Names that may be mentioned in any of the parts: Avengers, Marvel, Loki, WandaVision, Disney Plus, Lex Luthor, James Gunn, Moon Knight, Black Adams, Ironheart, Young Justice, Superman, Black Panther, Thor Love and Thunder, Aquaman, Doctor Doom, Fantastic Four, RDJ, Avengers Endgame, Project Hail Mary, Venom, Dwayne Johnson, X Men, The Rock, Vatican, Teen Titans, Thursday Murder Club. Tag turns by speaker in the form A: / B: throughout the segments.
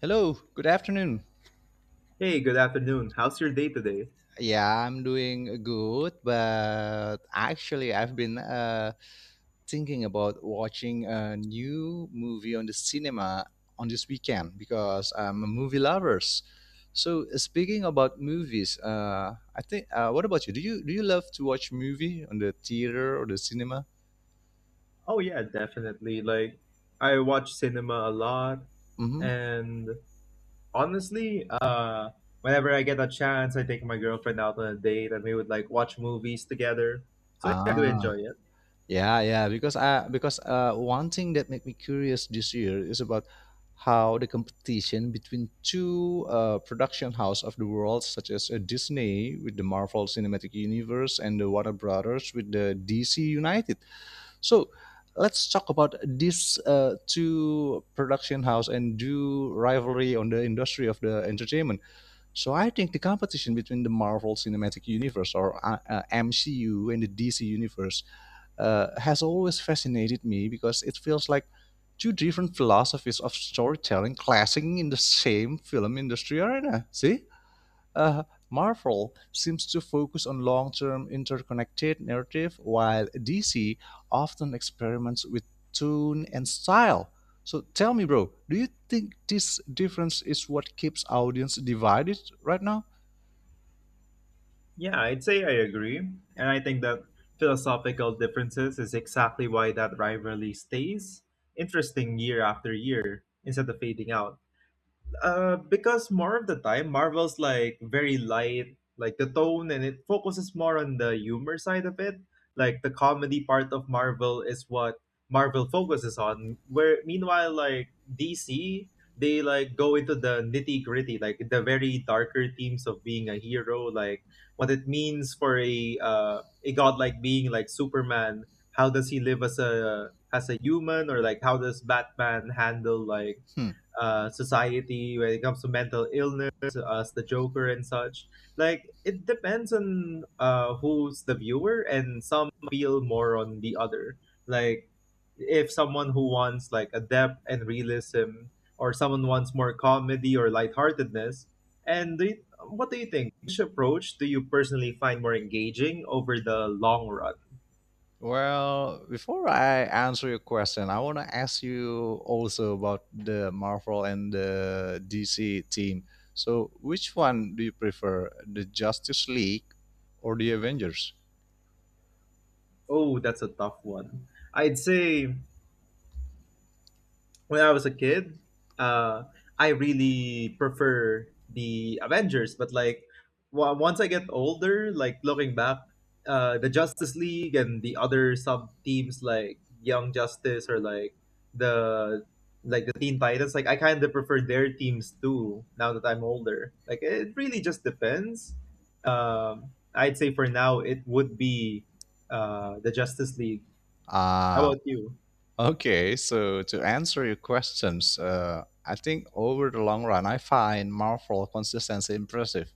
A: Hello, good afternoon.
B: Hey, good afternoon. How's your day today?
A: Yeah, I'm doing good, but actually, I've been thinking about watching a new movie on the cinema on this weekend because I'm a movie lovers. So, speaking about movies, I think. What about you? Do you love to watch movie on the theater or the cinema?
B: Oh, yeah, definitely. Like, I watch cinema a lot,
A: Mm-hmm.
B: and honestly, whenever I get a chance, I take my girlfriend out on a date and we would like watch movies together. So, yeah, I do
A: Ah.
B: enjoy it.
A: Yeah, yeah, because I because one thing that made me curious this year is about how the competition between two production house of the world, such as Disney with the Marvel Cinematic Universe and the Warner Brothers with the DC United. So let's talk about these two production house and do rivalry on the industry of the entertainment. So I think the competition between the Marvel Cinematic Universe or MCU and the DC Universe has always fascinated me because it feels like two different philosophies of storytelling clashing in the same film industry arena. See, uh, Marvel seems to focus on long term interconnected narrative, while DC often experiments with tone and style. So tell me, bro, do you think this difference is what keeps audience divided right now?
B: Yeah, I'd say I agree. And I think that philosophical differences is exactly why that rivalry stays interesting year after year instead of fading out. Because more of the time, Marvel's like very light, like the tone, and it focuses more on the humor side of it. Like the comedy part of Marvel is what Marvel focuses on. Where meanwhile, like DC, they like go into the nitty gritty, like the very darker themes of being a hero, like what it means for a godlike being like Superman. How does he live as a human, or like how does Batman handle like
A: Hmm.
B: society when it comes to mental illness as the joker and such, like it depends on who's the viewer and some feel more on the other, like if someone who wants like a depth and realism or someone wants more comedy or lightheartedness. What do you think, which approach do you personally find more engaging over the long run?
A: Well, before I answer your question, I want to ask you also about the Marvel and the DC team. So, which one do you prefer, the Justice League or the Avengers?
B: Oh, that's a tough one. I'd say when I was a kid, uh, I really prefer the Avengers. But like once I get older, like looking back, the Justice League and the other sub teams like Young Justice or the like the Teen Titans, like I kind of prefer their teams too. Now that I'm older, like it really just depends. I'd say for now it would be the Justice League. How
A: Ah,
B: about you?
A: okay. So, to answer your questions, I think over the long run, I find Marvel consistency impressive,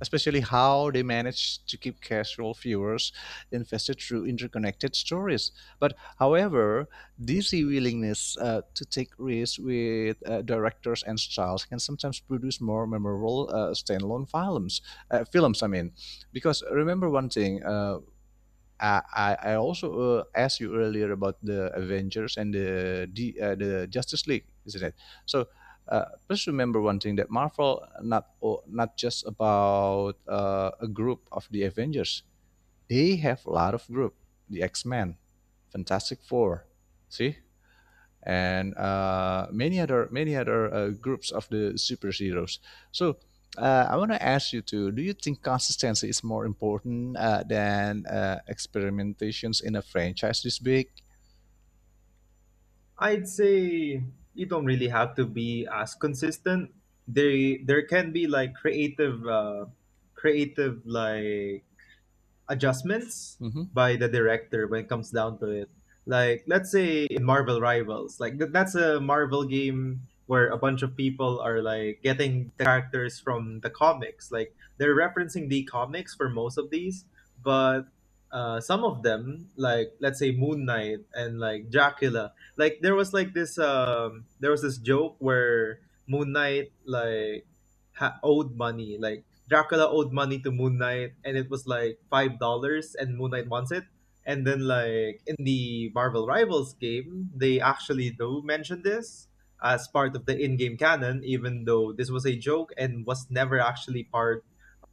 A: especially how they managed to keep casual viewers invested through interconnected stories. But however, this willingness to take risks with directors and styles can sometimes produce more memorable standalone films. Films, I mean, because remember one thing. I also asked you earlier about the Avengers and the Justice League, isn't it? So please remember one thing that Marvel not just about a group of the Avengers. They have a lot of group. The X Men, Fantastic Four. See, and many other groups of the superheroes. So I want to ask you too. Do you think consistency is more important than experimentations in a franchise this big?
B: I'd say you don't really have to be as consistent. There can be like creative, creative like adjustments
A: Hmm.
B: by the director when it comes down to it. Like let's say in Marvel Rivals, like that's a Marvel game where a bunch of people are like getting the characters from the comics. Like they're referencing the comics for most of these, but some of them, like let's say Moon Knight and like Dracula, like there was like this there was this joke where Moon Knight like owed money, like Dracula owed money to Moon Knight, and it was like $5, and Moon Knight wants it. And then, like in the Marvel Rivals game, they actually do mention this as part of the in-game canon, even though this was a joke and was never actually part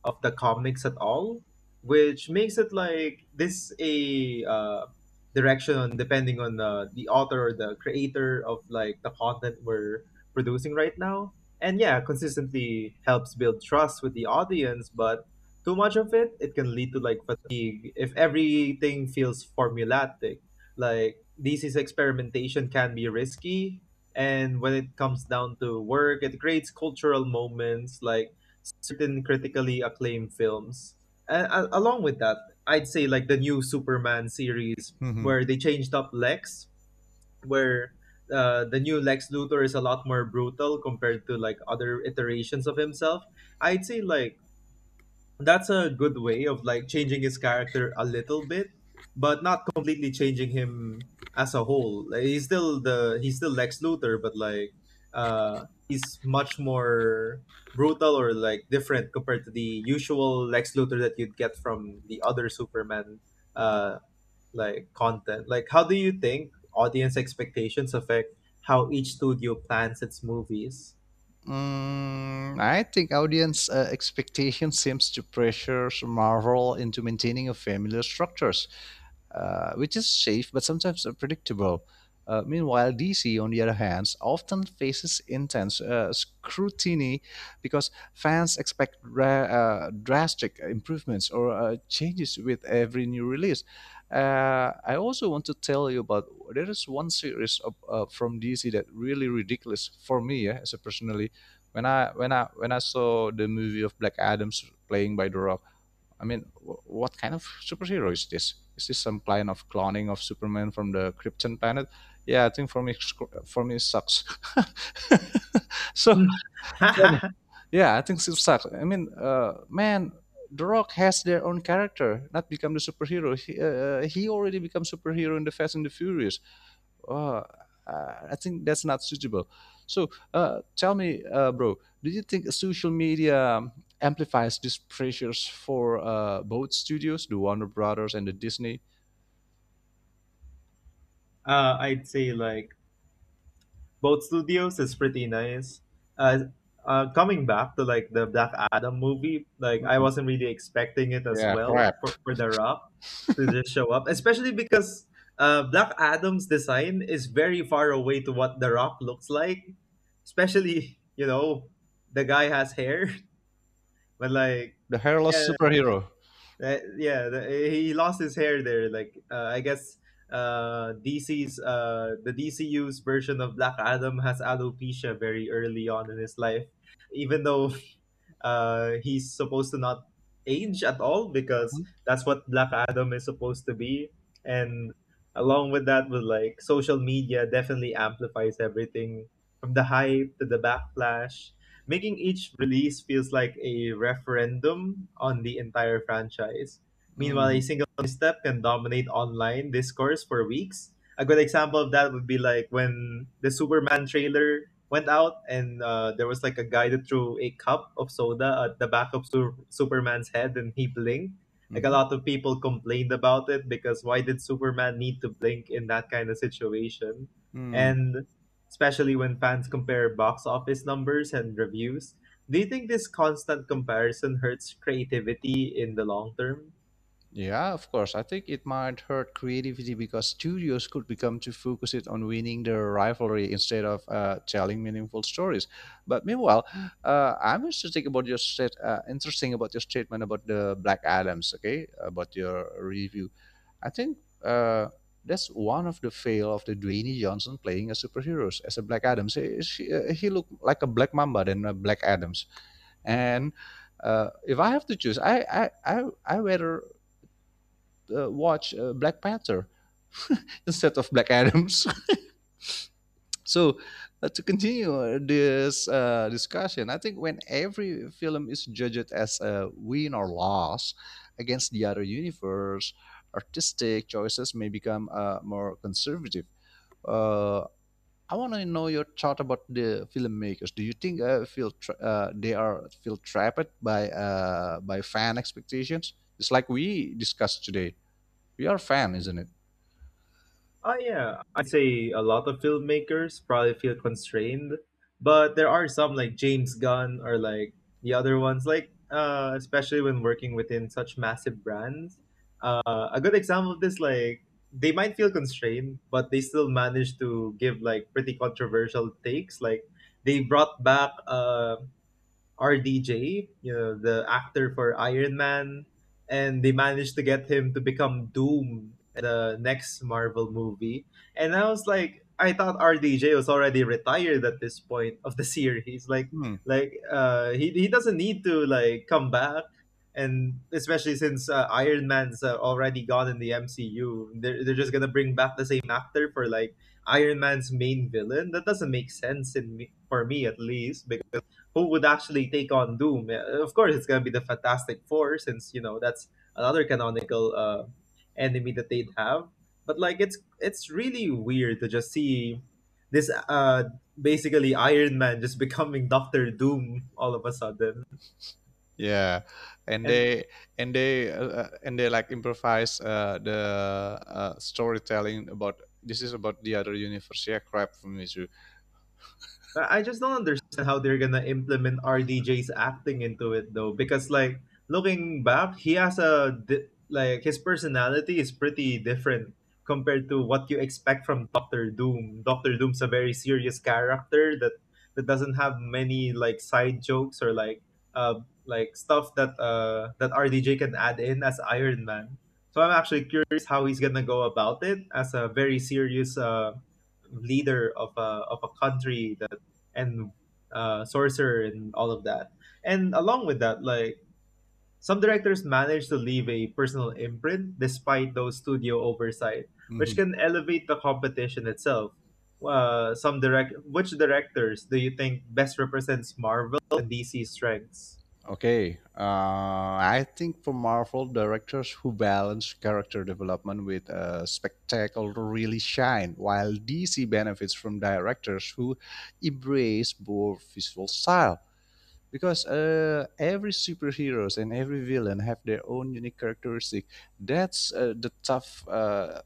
B: of the comics at all, which makes it like this a direction on depending on the author or the creator of like the content we're producing right now. And yeah, consistently helps build trust with the audience, but too much of it, it can lead to like fatigue if everything feels formulatic. Like DC's experimentation can be risky, and when it comes down to work, it creates cultural moments like certain critically acclaimed films. And along with that, I'd say like the new Superman series
A: Hmm.
B: where they changed up Lex, where the new Lex Luthor is a lot more brutal compared to like other iterations of himself. I'd say like that's a good way of like changing his character a little bit, but not completely changing him as a whole. Like, he's still Lex Luthor, but like he's much more brutal or like different compared to the usual Lex Luthor that you'd get from the other Superman uh like content. Like how do you think audience expectations affect how each studio plans its movies?
A: Mm, I think audience expectation seems to pressure Marvel into maintaining a familiar structures, which is safe but sometimes unpredictable. Meanwhile, DC, on the other hand, often faces intense scrutiny because fans expect drastic improvements or changes with every new release. I also want to tell you about there is one series of, from DC that really ridiculous for me, yeah, as a personally. When I saw the movie of Black Adams playing by The Rock, I mean, what kind of superhero is this? Is this some kind of cloning of Superman from the Krypton planet? Yeah, I think for me, it sucks. So, so,
B: uh,
A: yeah, I think it sucks. I mean, man, The Rock has their own character, not become the superhero. He already become superhero in the Fast and the Furious. Oh, I think that's not suitable. So tell me, bro, do you think social media amplifies these pressures for both studios, the Warner Brothers and the Disney?
B: I'd say like both studios is pretty nice. Uh, coming back to like the Black Adam movie, like I
A: Mhm.
B: wasn't really expecting it as
A: Yeah,
B: well
A: crap.
B: for The Rock to just show up, especially because Black Adam's design is very far away to what The Rock looks like. Especially, you know, the guy has hair, but like,
A: The hairless
B: yeah,
A: superhero.
B: he lost his hair there. Like I guess DC's, the DCU's version of Black Adam has alopecia very early on in his life, even though he's supposed to not age at all because
A: Mhm.
B: that's what Black Adam is supposed to be. And along with that, with like social media, definitely amplifies everything from the hype to the backlash, making each release feels like a referendum on the entire franchise. Meanwhile, a
A: Mhm.
B: single misstep can dominate online discourse for weeks. A good example of that would be like when the Superman trailer went out and there was like a guy that threw a cup of soda at the back of Superman's head and he blinked. Like a
A: Mhm.
B: lot of people complained about it because why did Superman need to blink in that kind of situation?
A: Mm.
B: And especially when fans compare box office numbers and reviews. Do you think this constant comparison hurts creativity in the long term?
A: Yeah, of course. I think it might hurt creativity because studios could become too focused on winning the rivalry instead of telling meaningful stories. But meanwhile, I'm interested about your stat- interesting about your statement about the Black Adams. Okay, about your review. I think uh, that's one of the fail of the Dwayne Johnson playing a superheroes as a Black Adams. He, she, he looked like a Black Mamba than a Black Adams, and if I have to choose, I rather watch Black Panther instead of Black Adams. So to continue this discussion, I think when every film is judged as a win or loss against the other universe, artistic choices may become more conservative. Uh, I want to know your thought about the filmmakers. Do you think they are feel trapped by fan expectations? It's like we discussed today. We are a fan, isn't it?
B: Oh, yeah. I'd say a lot of filmmakers probably feel constrained, but there are some like James Gunn or like the other ones, like especially when working within such massive brands. A good example of this, like, they might feel constrained, but they still manage to give like pretty controversial takes. Like, they brought back RDJ, you know, the actor for Iron Man, and they managed to get him to become Doom in the next Marvel movie. And I was like, I thought RDJ was already retired at this point of the series. Like,
A: Hmm.
B: like uh, he doesn't need to like come back. And especially since Iron Man's already gone in the MCU, they're just gonna bring back the same actor for like Iron Man's main villain. That doesn't make sense in me, for me at least. Who would actually take on Doom? Of course, it's gonna be the Fantastic Four, since you know that's another canonical enemy that they'd have. But like, it's really weird to just see this basically Iron Man just becoming Doctor Doom all of a sudden,
A: Yeah, and
B: and
A: they and they and they like improvise the storytelling about this is about the other universe. Yeah, crap for me too.
B: I just don't understand how they're gonna implement RDJ's acting into it though, because like looking back, he has a like his personality is pretty different compared to what you expect from Doctor Doom. Doctor Doom's a very serious character that doesn't have many like side jokes or uh like stuff that that RDJ can add in as Iron Man. So I'm actually curious how he's gonna go about it as a very serious leader of a country and sorcerer and all of that. And along with that, like some directors manage to leave a personal imprint despite those studio oversight, which
A: Mhm.
B: can elevate the competition itself. Which directors do you think best represents Marvel and DC strengths?
A: Okay, I think for Marvel directors who balance character development with spectacle really shine, while DC benefits from directors who embrace both visual style. Because every superheroes and every villain have their own unique characteristic. That's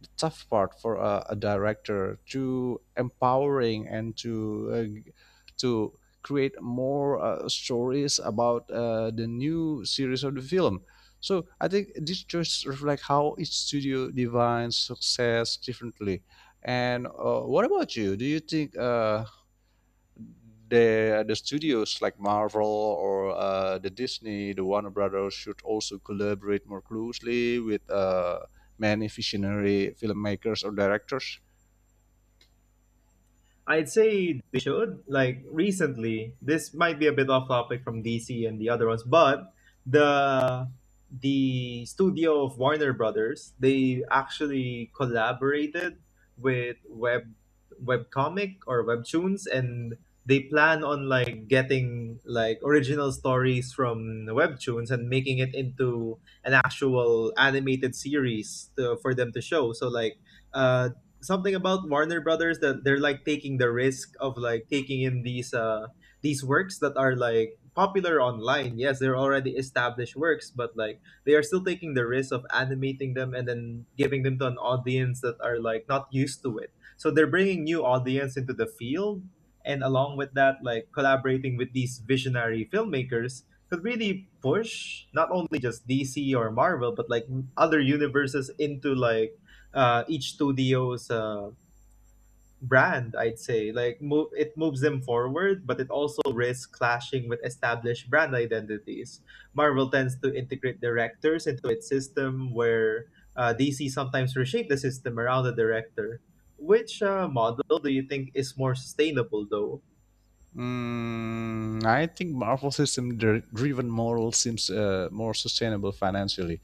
A: the tough part for a director to empowering and to uh, g- to create more stories about the new series of the film. So I think this just reflects how each studio defines success differently. And what about you? Do you think the studios like Marvel or the Disney, the Warner Brothers should also collaborate more closely with many visionary filmmakers or directors.
B: I'd say they should. Like recently, this might be a bit off topic from DC and the other ones, but the the studio of Warner Brothers, they actually collaborated with webcomic or webtoons and they plan on like getting like original stories from the webtoons and making it into an actual animated series for them to show. So like uh something about Warner Brothers that they're like taking the risk of like taking in these works that are like popular online. Yes, they're already established works, but like they are still taking the risk of animating them and then giving them to an audience that are like not used to it. So they're bringing new audience into the field, and along with that like collaborating with these visionary filmmakers could really push not only just DC or Marvel but like other universes into like each studio's brand. I'd say like move it moves them forward, but it also risks clashing with established brand identities. Marvel tends to integrate directors into its system, where DC sometimes reshape the system around the director. Which model do you think is more sustainable though?
A: Mm, I think Marvel driven model seems more sustainable financially,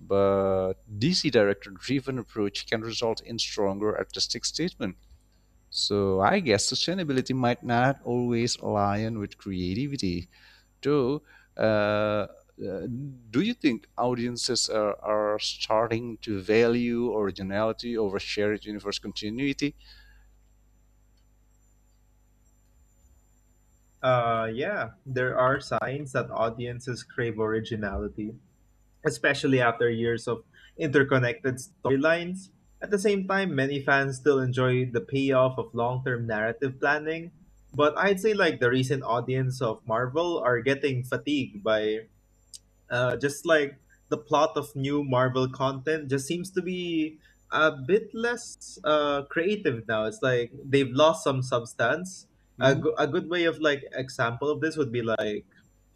A: but DC director driven approach can result in stronger artistic statement. So I guess sustainability might not always align with creativity. Though, uh, uh, do you think audiences are starting to value originality over shared universe continuity?
B: yeah, there are signs that audiences crave originality, especially after years of interconnected storylines. At the same time, many fans still enjoy the payoff of long-term narrative planning, but I'd say like the recent audience of Marvel are getting fatigued by, just like the plot of new Marvel content just seems to be a bit less creative now. It's like they've lost some substance. A,
A: Hmm.
B: go- a good way of like example of this would be like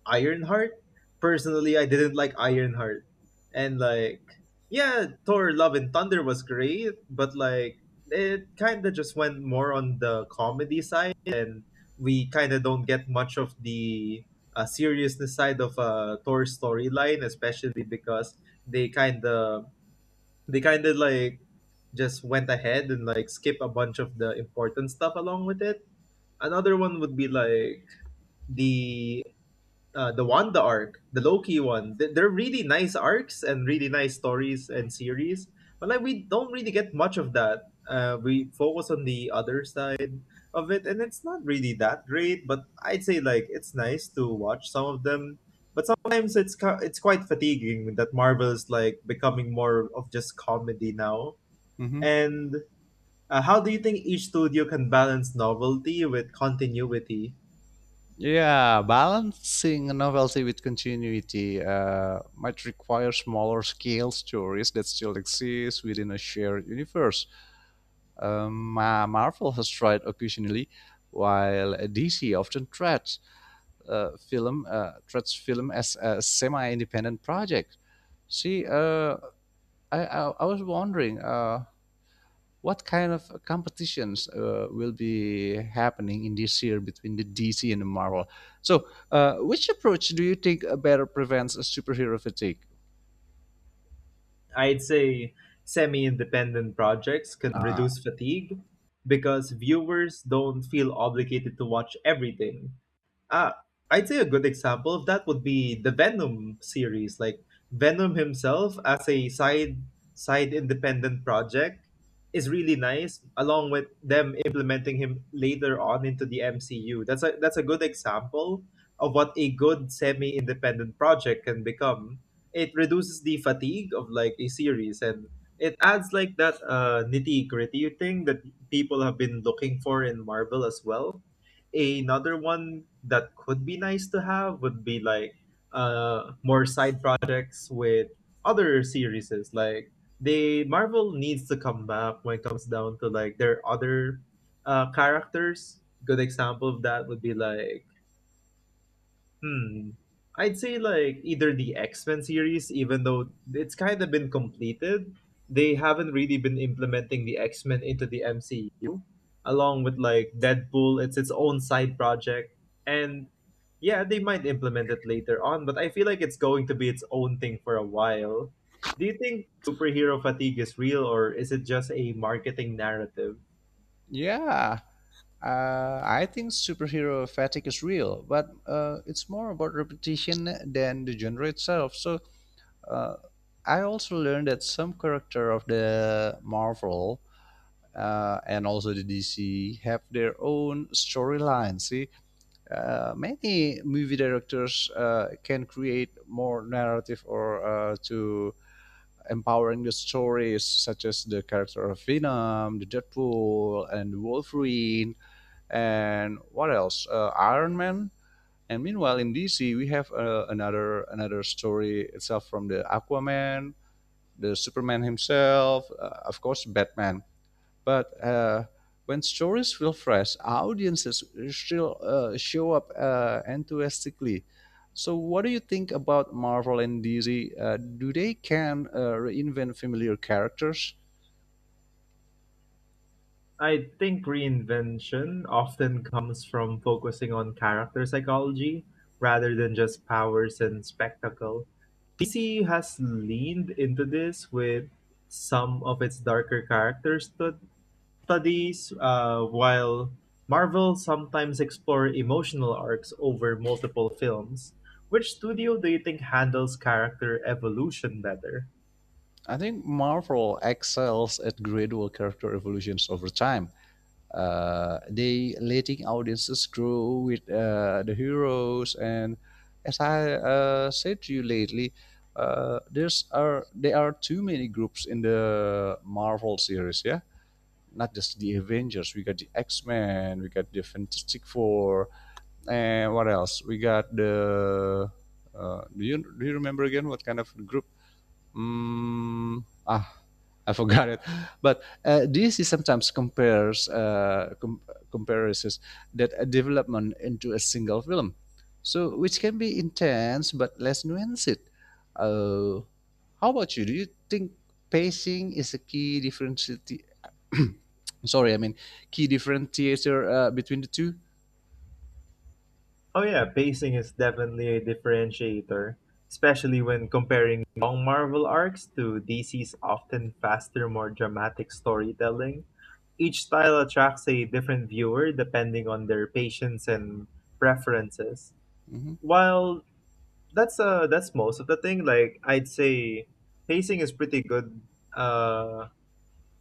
B: Ironheart. Personally, I didn't like Ironheart. And like yeah, Thor Love and Thunder was great, but like it kind of just went more on the comedy side, and we kind of don't get much of the seriousness side of Thor's storyline, especially because they kind of they kind of like just went ahead and like skip a bunch of the important stuff along with it. Another one would be like the the Wanda arc, the Loki one. They're really nice arcs and really nice stories and series, but like we don't really get much of that. We focus on the other side of it, and it's not really that great. But I'd say like it's nice to watch some of them. But sometimes it's quite fatiguing that Marvel's like becoming more of just comedy now.
A: Hmm.
B: And how do you think each studio can balance novelty with continuity?
A: Yeah, balancing novelty with continuity might require smaller scale stories that still exist within a shared universe. Um, Marvel has tried occasionally, while DC often treats film treats film as a semi-independent project. See, I was wondering what kind of competitions will be happening in this year between the DC and the Marvel. So, which approach do you think better prevents a superhero fatigue?
B: I'd say semi independent projects can
A: Uh,
B: reduce fatigue because viewers don't feel obligated to watch everything. uh, I'd say a good example of that would be the Venom series, like Venom himself as a side independent project is really nice, along with them implementing him later on into the MCU. That's a good example of what a good semi-independent project can become. It reduces the fatigue of like a series, and it adds like that nitty-gritty thing that people have been looking for in Marvel as well. Another one that could be nice to have would be like more side projects with other series. Like they Marvel needs to come back when it comes down to like their other characters. Good example of that would be like hmm. I'd say like either the X-Men series, even though it's kind of been completed, they haven't really been implementing the X-Men into the MCU, along with like Deadpool, it's its own side project. And yeah, they might implement it later on, but I feel like it's going to be its own thing for a while. Do you think superhero fatigue is real, or is it just a marketing narrative?
A: yeah, I think superhero fatigue is real, but it's more about repetition than the genre itself. So uh, I also learned that some character of the Marvel and also the DC have their own storyline. See, many movie directors can create more narrative or to empowering the stories, such as the character of Venom, the Deadpool, and Wolverine and what else? Iron Man. And meanwhile, in DC, we have another another story itself from the Aquaman, the Superman himself, of course, Batman. But when stories feel fresh, audiences still show up enthusiastically. So, what do you think about Marvel and DC? Do they can reinvent familiar characters?
B: I think reinvention often comes from focusing on character psychology rather than just powers and spectacle. DC has leaned into this with some of its darker characters, but while Marvel sometimes explore emotional arcs over multiple films. Which studio do you think handles character evolution better?
A: I think Marvel excels at gradual character evolutions over time. They letting audiences grow with the heroes, and as I said to you lately, there's are there are too many groups in the Marvel series, yeah. Not just the Avengers, we got the X Men, we got the Fantastic Four, and what else? We got the. Do you remember again what kind of group? Mm, ah, I forgot it. But DSC sometimes compares compares that a development into a single film, so which can be intense but less nuanced. Uh, how about you? Do you think pacing is a key differentiator? Sorry, I mean key differentiator between the 2.
B: Oh yeah, pacing is definitely a differentiator, especially when comparing long Marvel arcs to DC's often faster, more dramatic storytelling. Each style attracts a different viewer depending on their patience and preferences.
A: Mhm.
B: While that's most of the thing, like I'd say pacing is pretty good. uh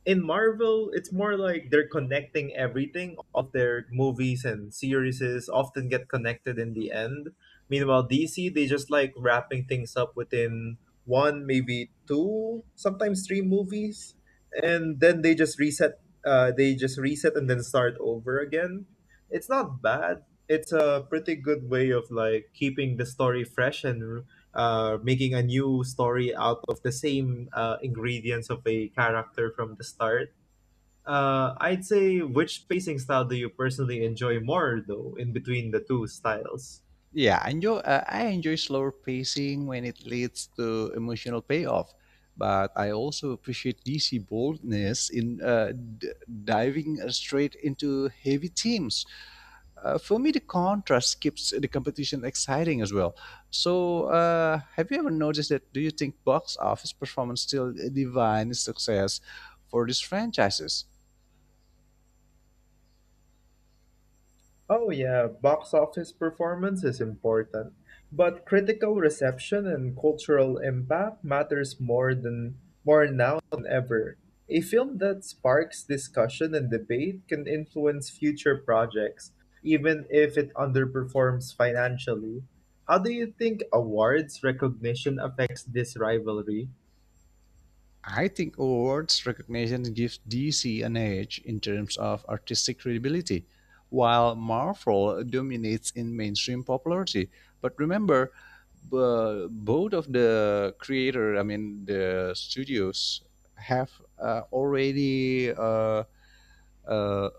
B: in Marvel it's more like they're connecting everything. All of their movies and series often get connected in the end. Meanwhile DC, they just like wrapping things up within one, maybe two, sometimes three movies, and then they just reset. They just reset and then start over again. It's not bad, it's a pretty good way of like keeping the story fresh and making a new story out of the same ingredients of a character from the start. I'd say, which pacing style do you personally enjoy more, though, in between the two styles?
A: Yeah, I enjoy slower pacing when it leads to emotional payoff, but I also appreciate DC boldness in diving straight into heavy themes. For me, the contrast keeps the competition exciting as well. So, have you ever noticed that? Do you think box office performance still defines success for these franchises?
B: Oh yeah, box office performance is important, but critical reception and cultural impact matters more now than ever. A film that sparks discussion and debate can influence future projects, even if it underperforms financially. How do you think awards recognition affects this rivalry?
A: I think awards recognition gives DC an edge in terms of artistic credibility, while Marvel dominates in mainstream popularity. But remember, both of the creator, I mean the studios, have already uh,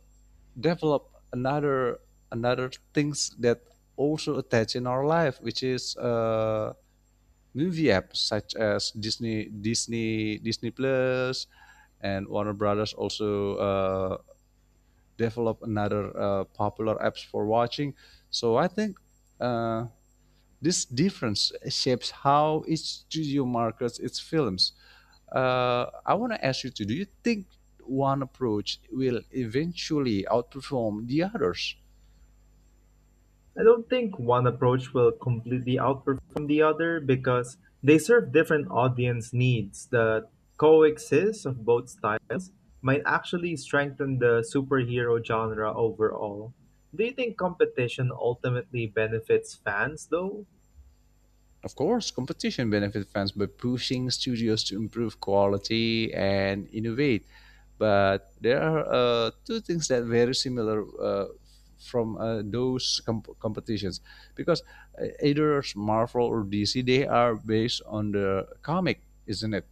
A: develop another another things that also attach in our life, which is movie apps such as Disney Plus, and Warner Brothers also develop another popular apps for watching. So I think uh, this difference shapes how each studio markets its films. I want to ask you to do you think one approach will eventually outperform the others?
B: I don't think one approach will completely outperform the other, because they serve different audience needs. The coexist of both styles might actually strengthen the superhero genre overall. Do you think competition ultimately benefits fans though?
A: Of course, competition benefits fans by pushing studios to improve quality and innovate. But there are two things that very similar from those competitions because either Marvel or DC they are based on the comic, isn't it?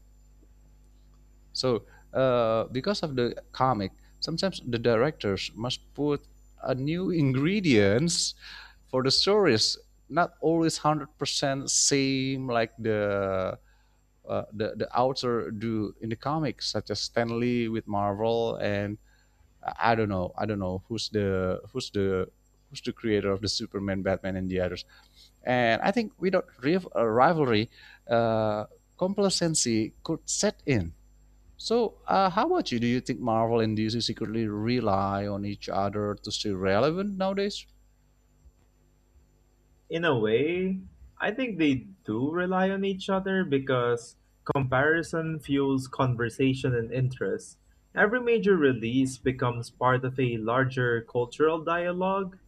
A: So, because of the comic, sometimes the directors must put a new ingredients for the stories. Not always 100% same like the the author do in the comics, such as Stan Lee with Marvel, and I don't know, who's the creator of the Superman, Batman, and the others. And I think without rivalry, uh, complacency could set in. So, how about you? Do you think Marvel and DC secretly rely on each other to stay relevant nowadays?
B: In a way, I think they do rely on each other because comparison fuels conversation and interest. Every major release becomes part of a larger cultural dialogue,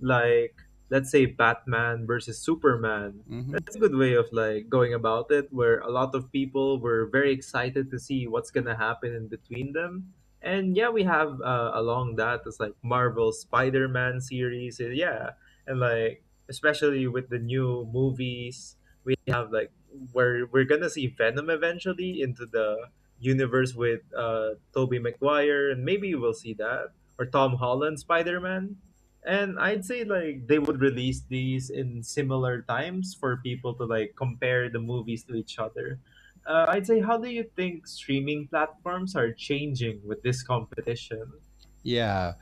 B: like let's say Batman versus Superman.
A: Hmm.
B: That's a good way of like going about it, where a lot of people were very excited to see what's going to happen in between them. And yeah, we have along that, it's like Marvel Spider-Man series. And yeah, and like especially with the new movies, we have like where we're gonna see Venom eventually into the universe with Tobey Maguire, and maybe we'll see that or Tom Holland Spider-Man. And I'd say like they would release these in similar times for people to like compare the movies to each other. Uh, I'd say, how do you think streaming platforms are changing with this competition?
A: Yeah,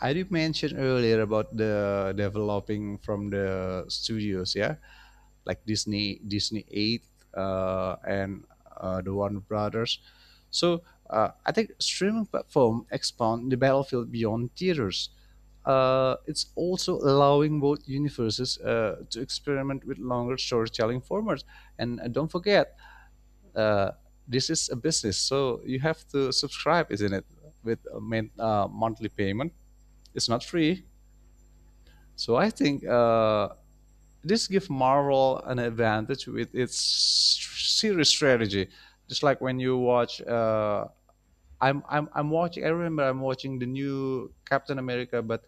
A: I did mention earlier about the developing from the studios, yeah, like Disney, Disney Eight, and the Warner Brothers. So I think streaming platform expand the battlefield beyond theaters. It's also allowing both universes to experiment with longer storytelling formats. And don't forget, uh, this is a business, so you have to subscribe, isn't it? With a main, monthly payment, it's not free. So I think this gives Marvel an advantage with its series strategy. Just like when you watch, I'm watching. I remember I'm watching the new Captain America, but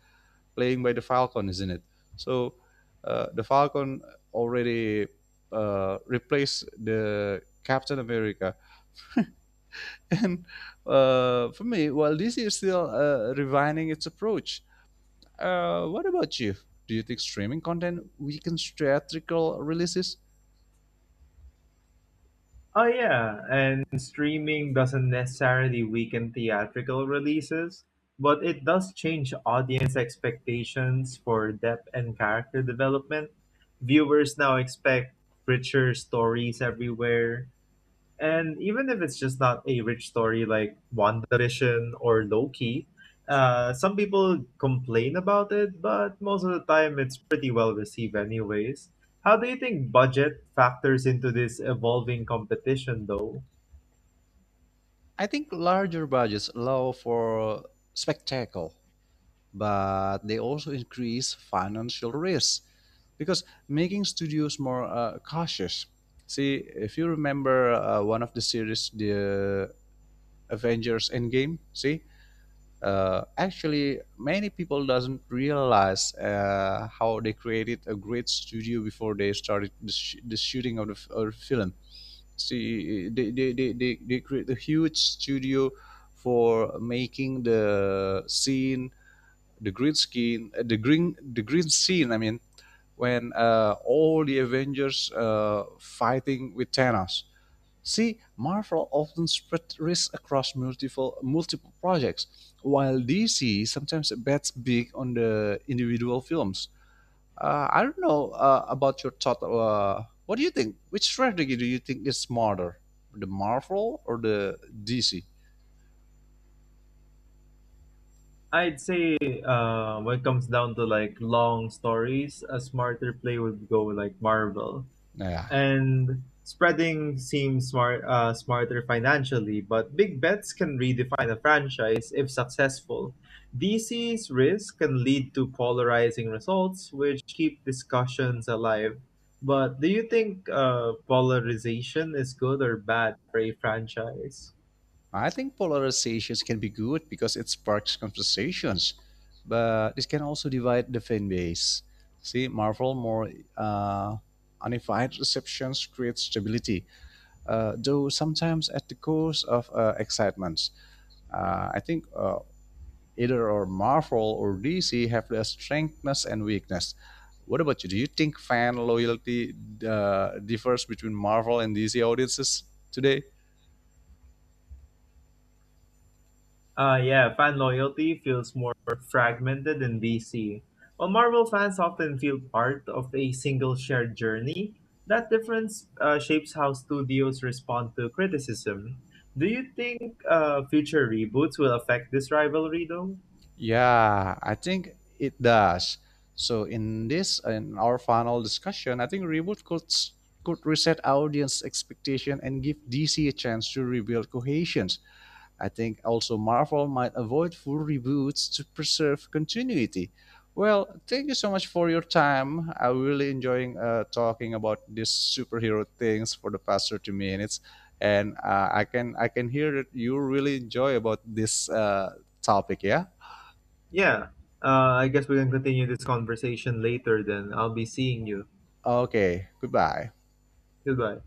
A: playing by the Falcon, isn't it? So the Falcon already replaced the Captain America, and for me, while DC is still refining its approach, what about you? Do you think streaming content weakens theatrical releases?
B: Oh yeah, and streaming doesn't necessarily weaken theatrical releases, but it does change audience expectations for depth and character development. Viewers now expect richer stories everywhere, and even if it's just not a rich story like WandaVision or Loki, some people complain about it, but most of the time it's pretty well received anyways. How do you think budget factors into this evolving competition, though?
A: I think larger budgets allow for spectacle, but they also increase financial risk, because making studios more cautious. See, if you remember one of the series, the Avengers Endgame, see, actually many people doesn't realize how they created a great studio before they started the shooting of of the film. See, they create a huge studio for making the scene, the green screen, the green scene. I mean, when all the Avengers fighting with Thanos. See, Marvel often spread risk across multiple projects, while DC sometimes bets big on the individual films. I don't know about your thought. What do you think? Which strategy do you think is smarter, the Marvel or the DC?
B: I'd say when it comes down to like long stories, a smarter play would go with, like, Marvel.
A: Yeah.
B: And spreading seems smart, smarter financially, but big bets can redefine a franchise if successful. DC's risk can lead to polarizing results, which keep discussions alive. But do you think polarization is good or bad for a franchise?
A: I think polarizations can be good because it sparks conversations, but this can also divide the fan base. See, Marvel more uh, unified receptions creates stability, though sometimes at the cost of excitement. I think either or Marvel or DC have their strengths and weakness. What about you? Do you think fan loyalty differs between Marvel and DC audiences today?
B: Yeah, fan loyalty feels more fragmented in DC. While Marvel fans often feel part of a single shared journey, that difference shapes how studios respond to criticism. Do you think future reboots will affect this rivalry, though?
A: Yeah, I think it does. So in this in our final discussion, I think reboot could reset audience expectation and give DC a chance to rebuild cohesion. I think also Marvel might avoid full reboots to preserve continuity. Well, thank you so much for your time. I really enjoying talking about these superhero things for the past 30 minutes, and I can hear that you really enjoy about this topic. Yeah.
B: Yeah, I guess we can continue this conversation later then. I'll be seeing you.
A: Okay, goodbye.
B: Goodbye.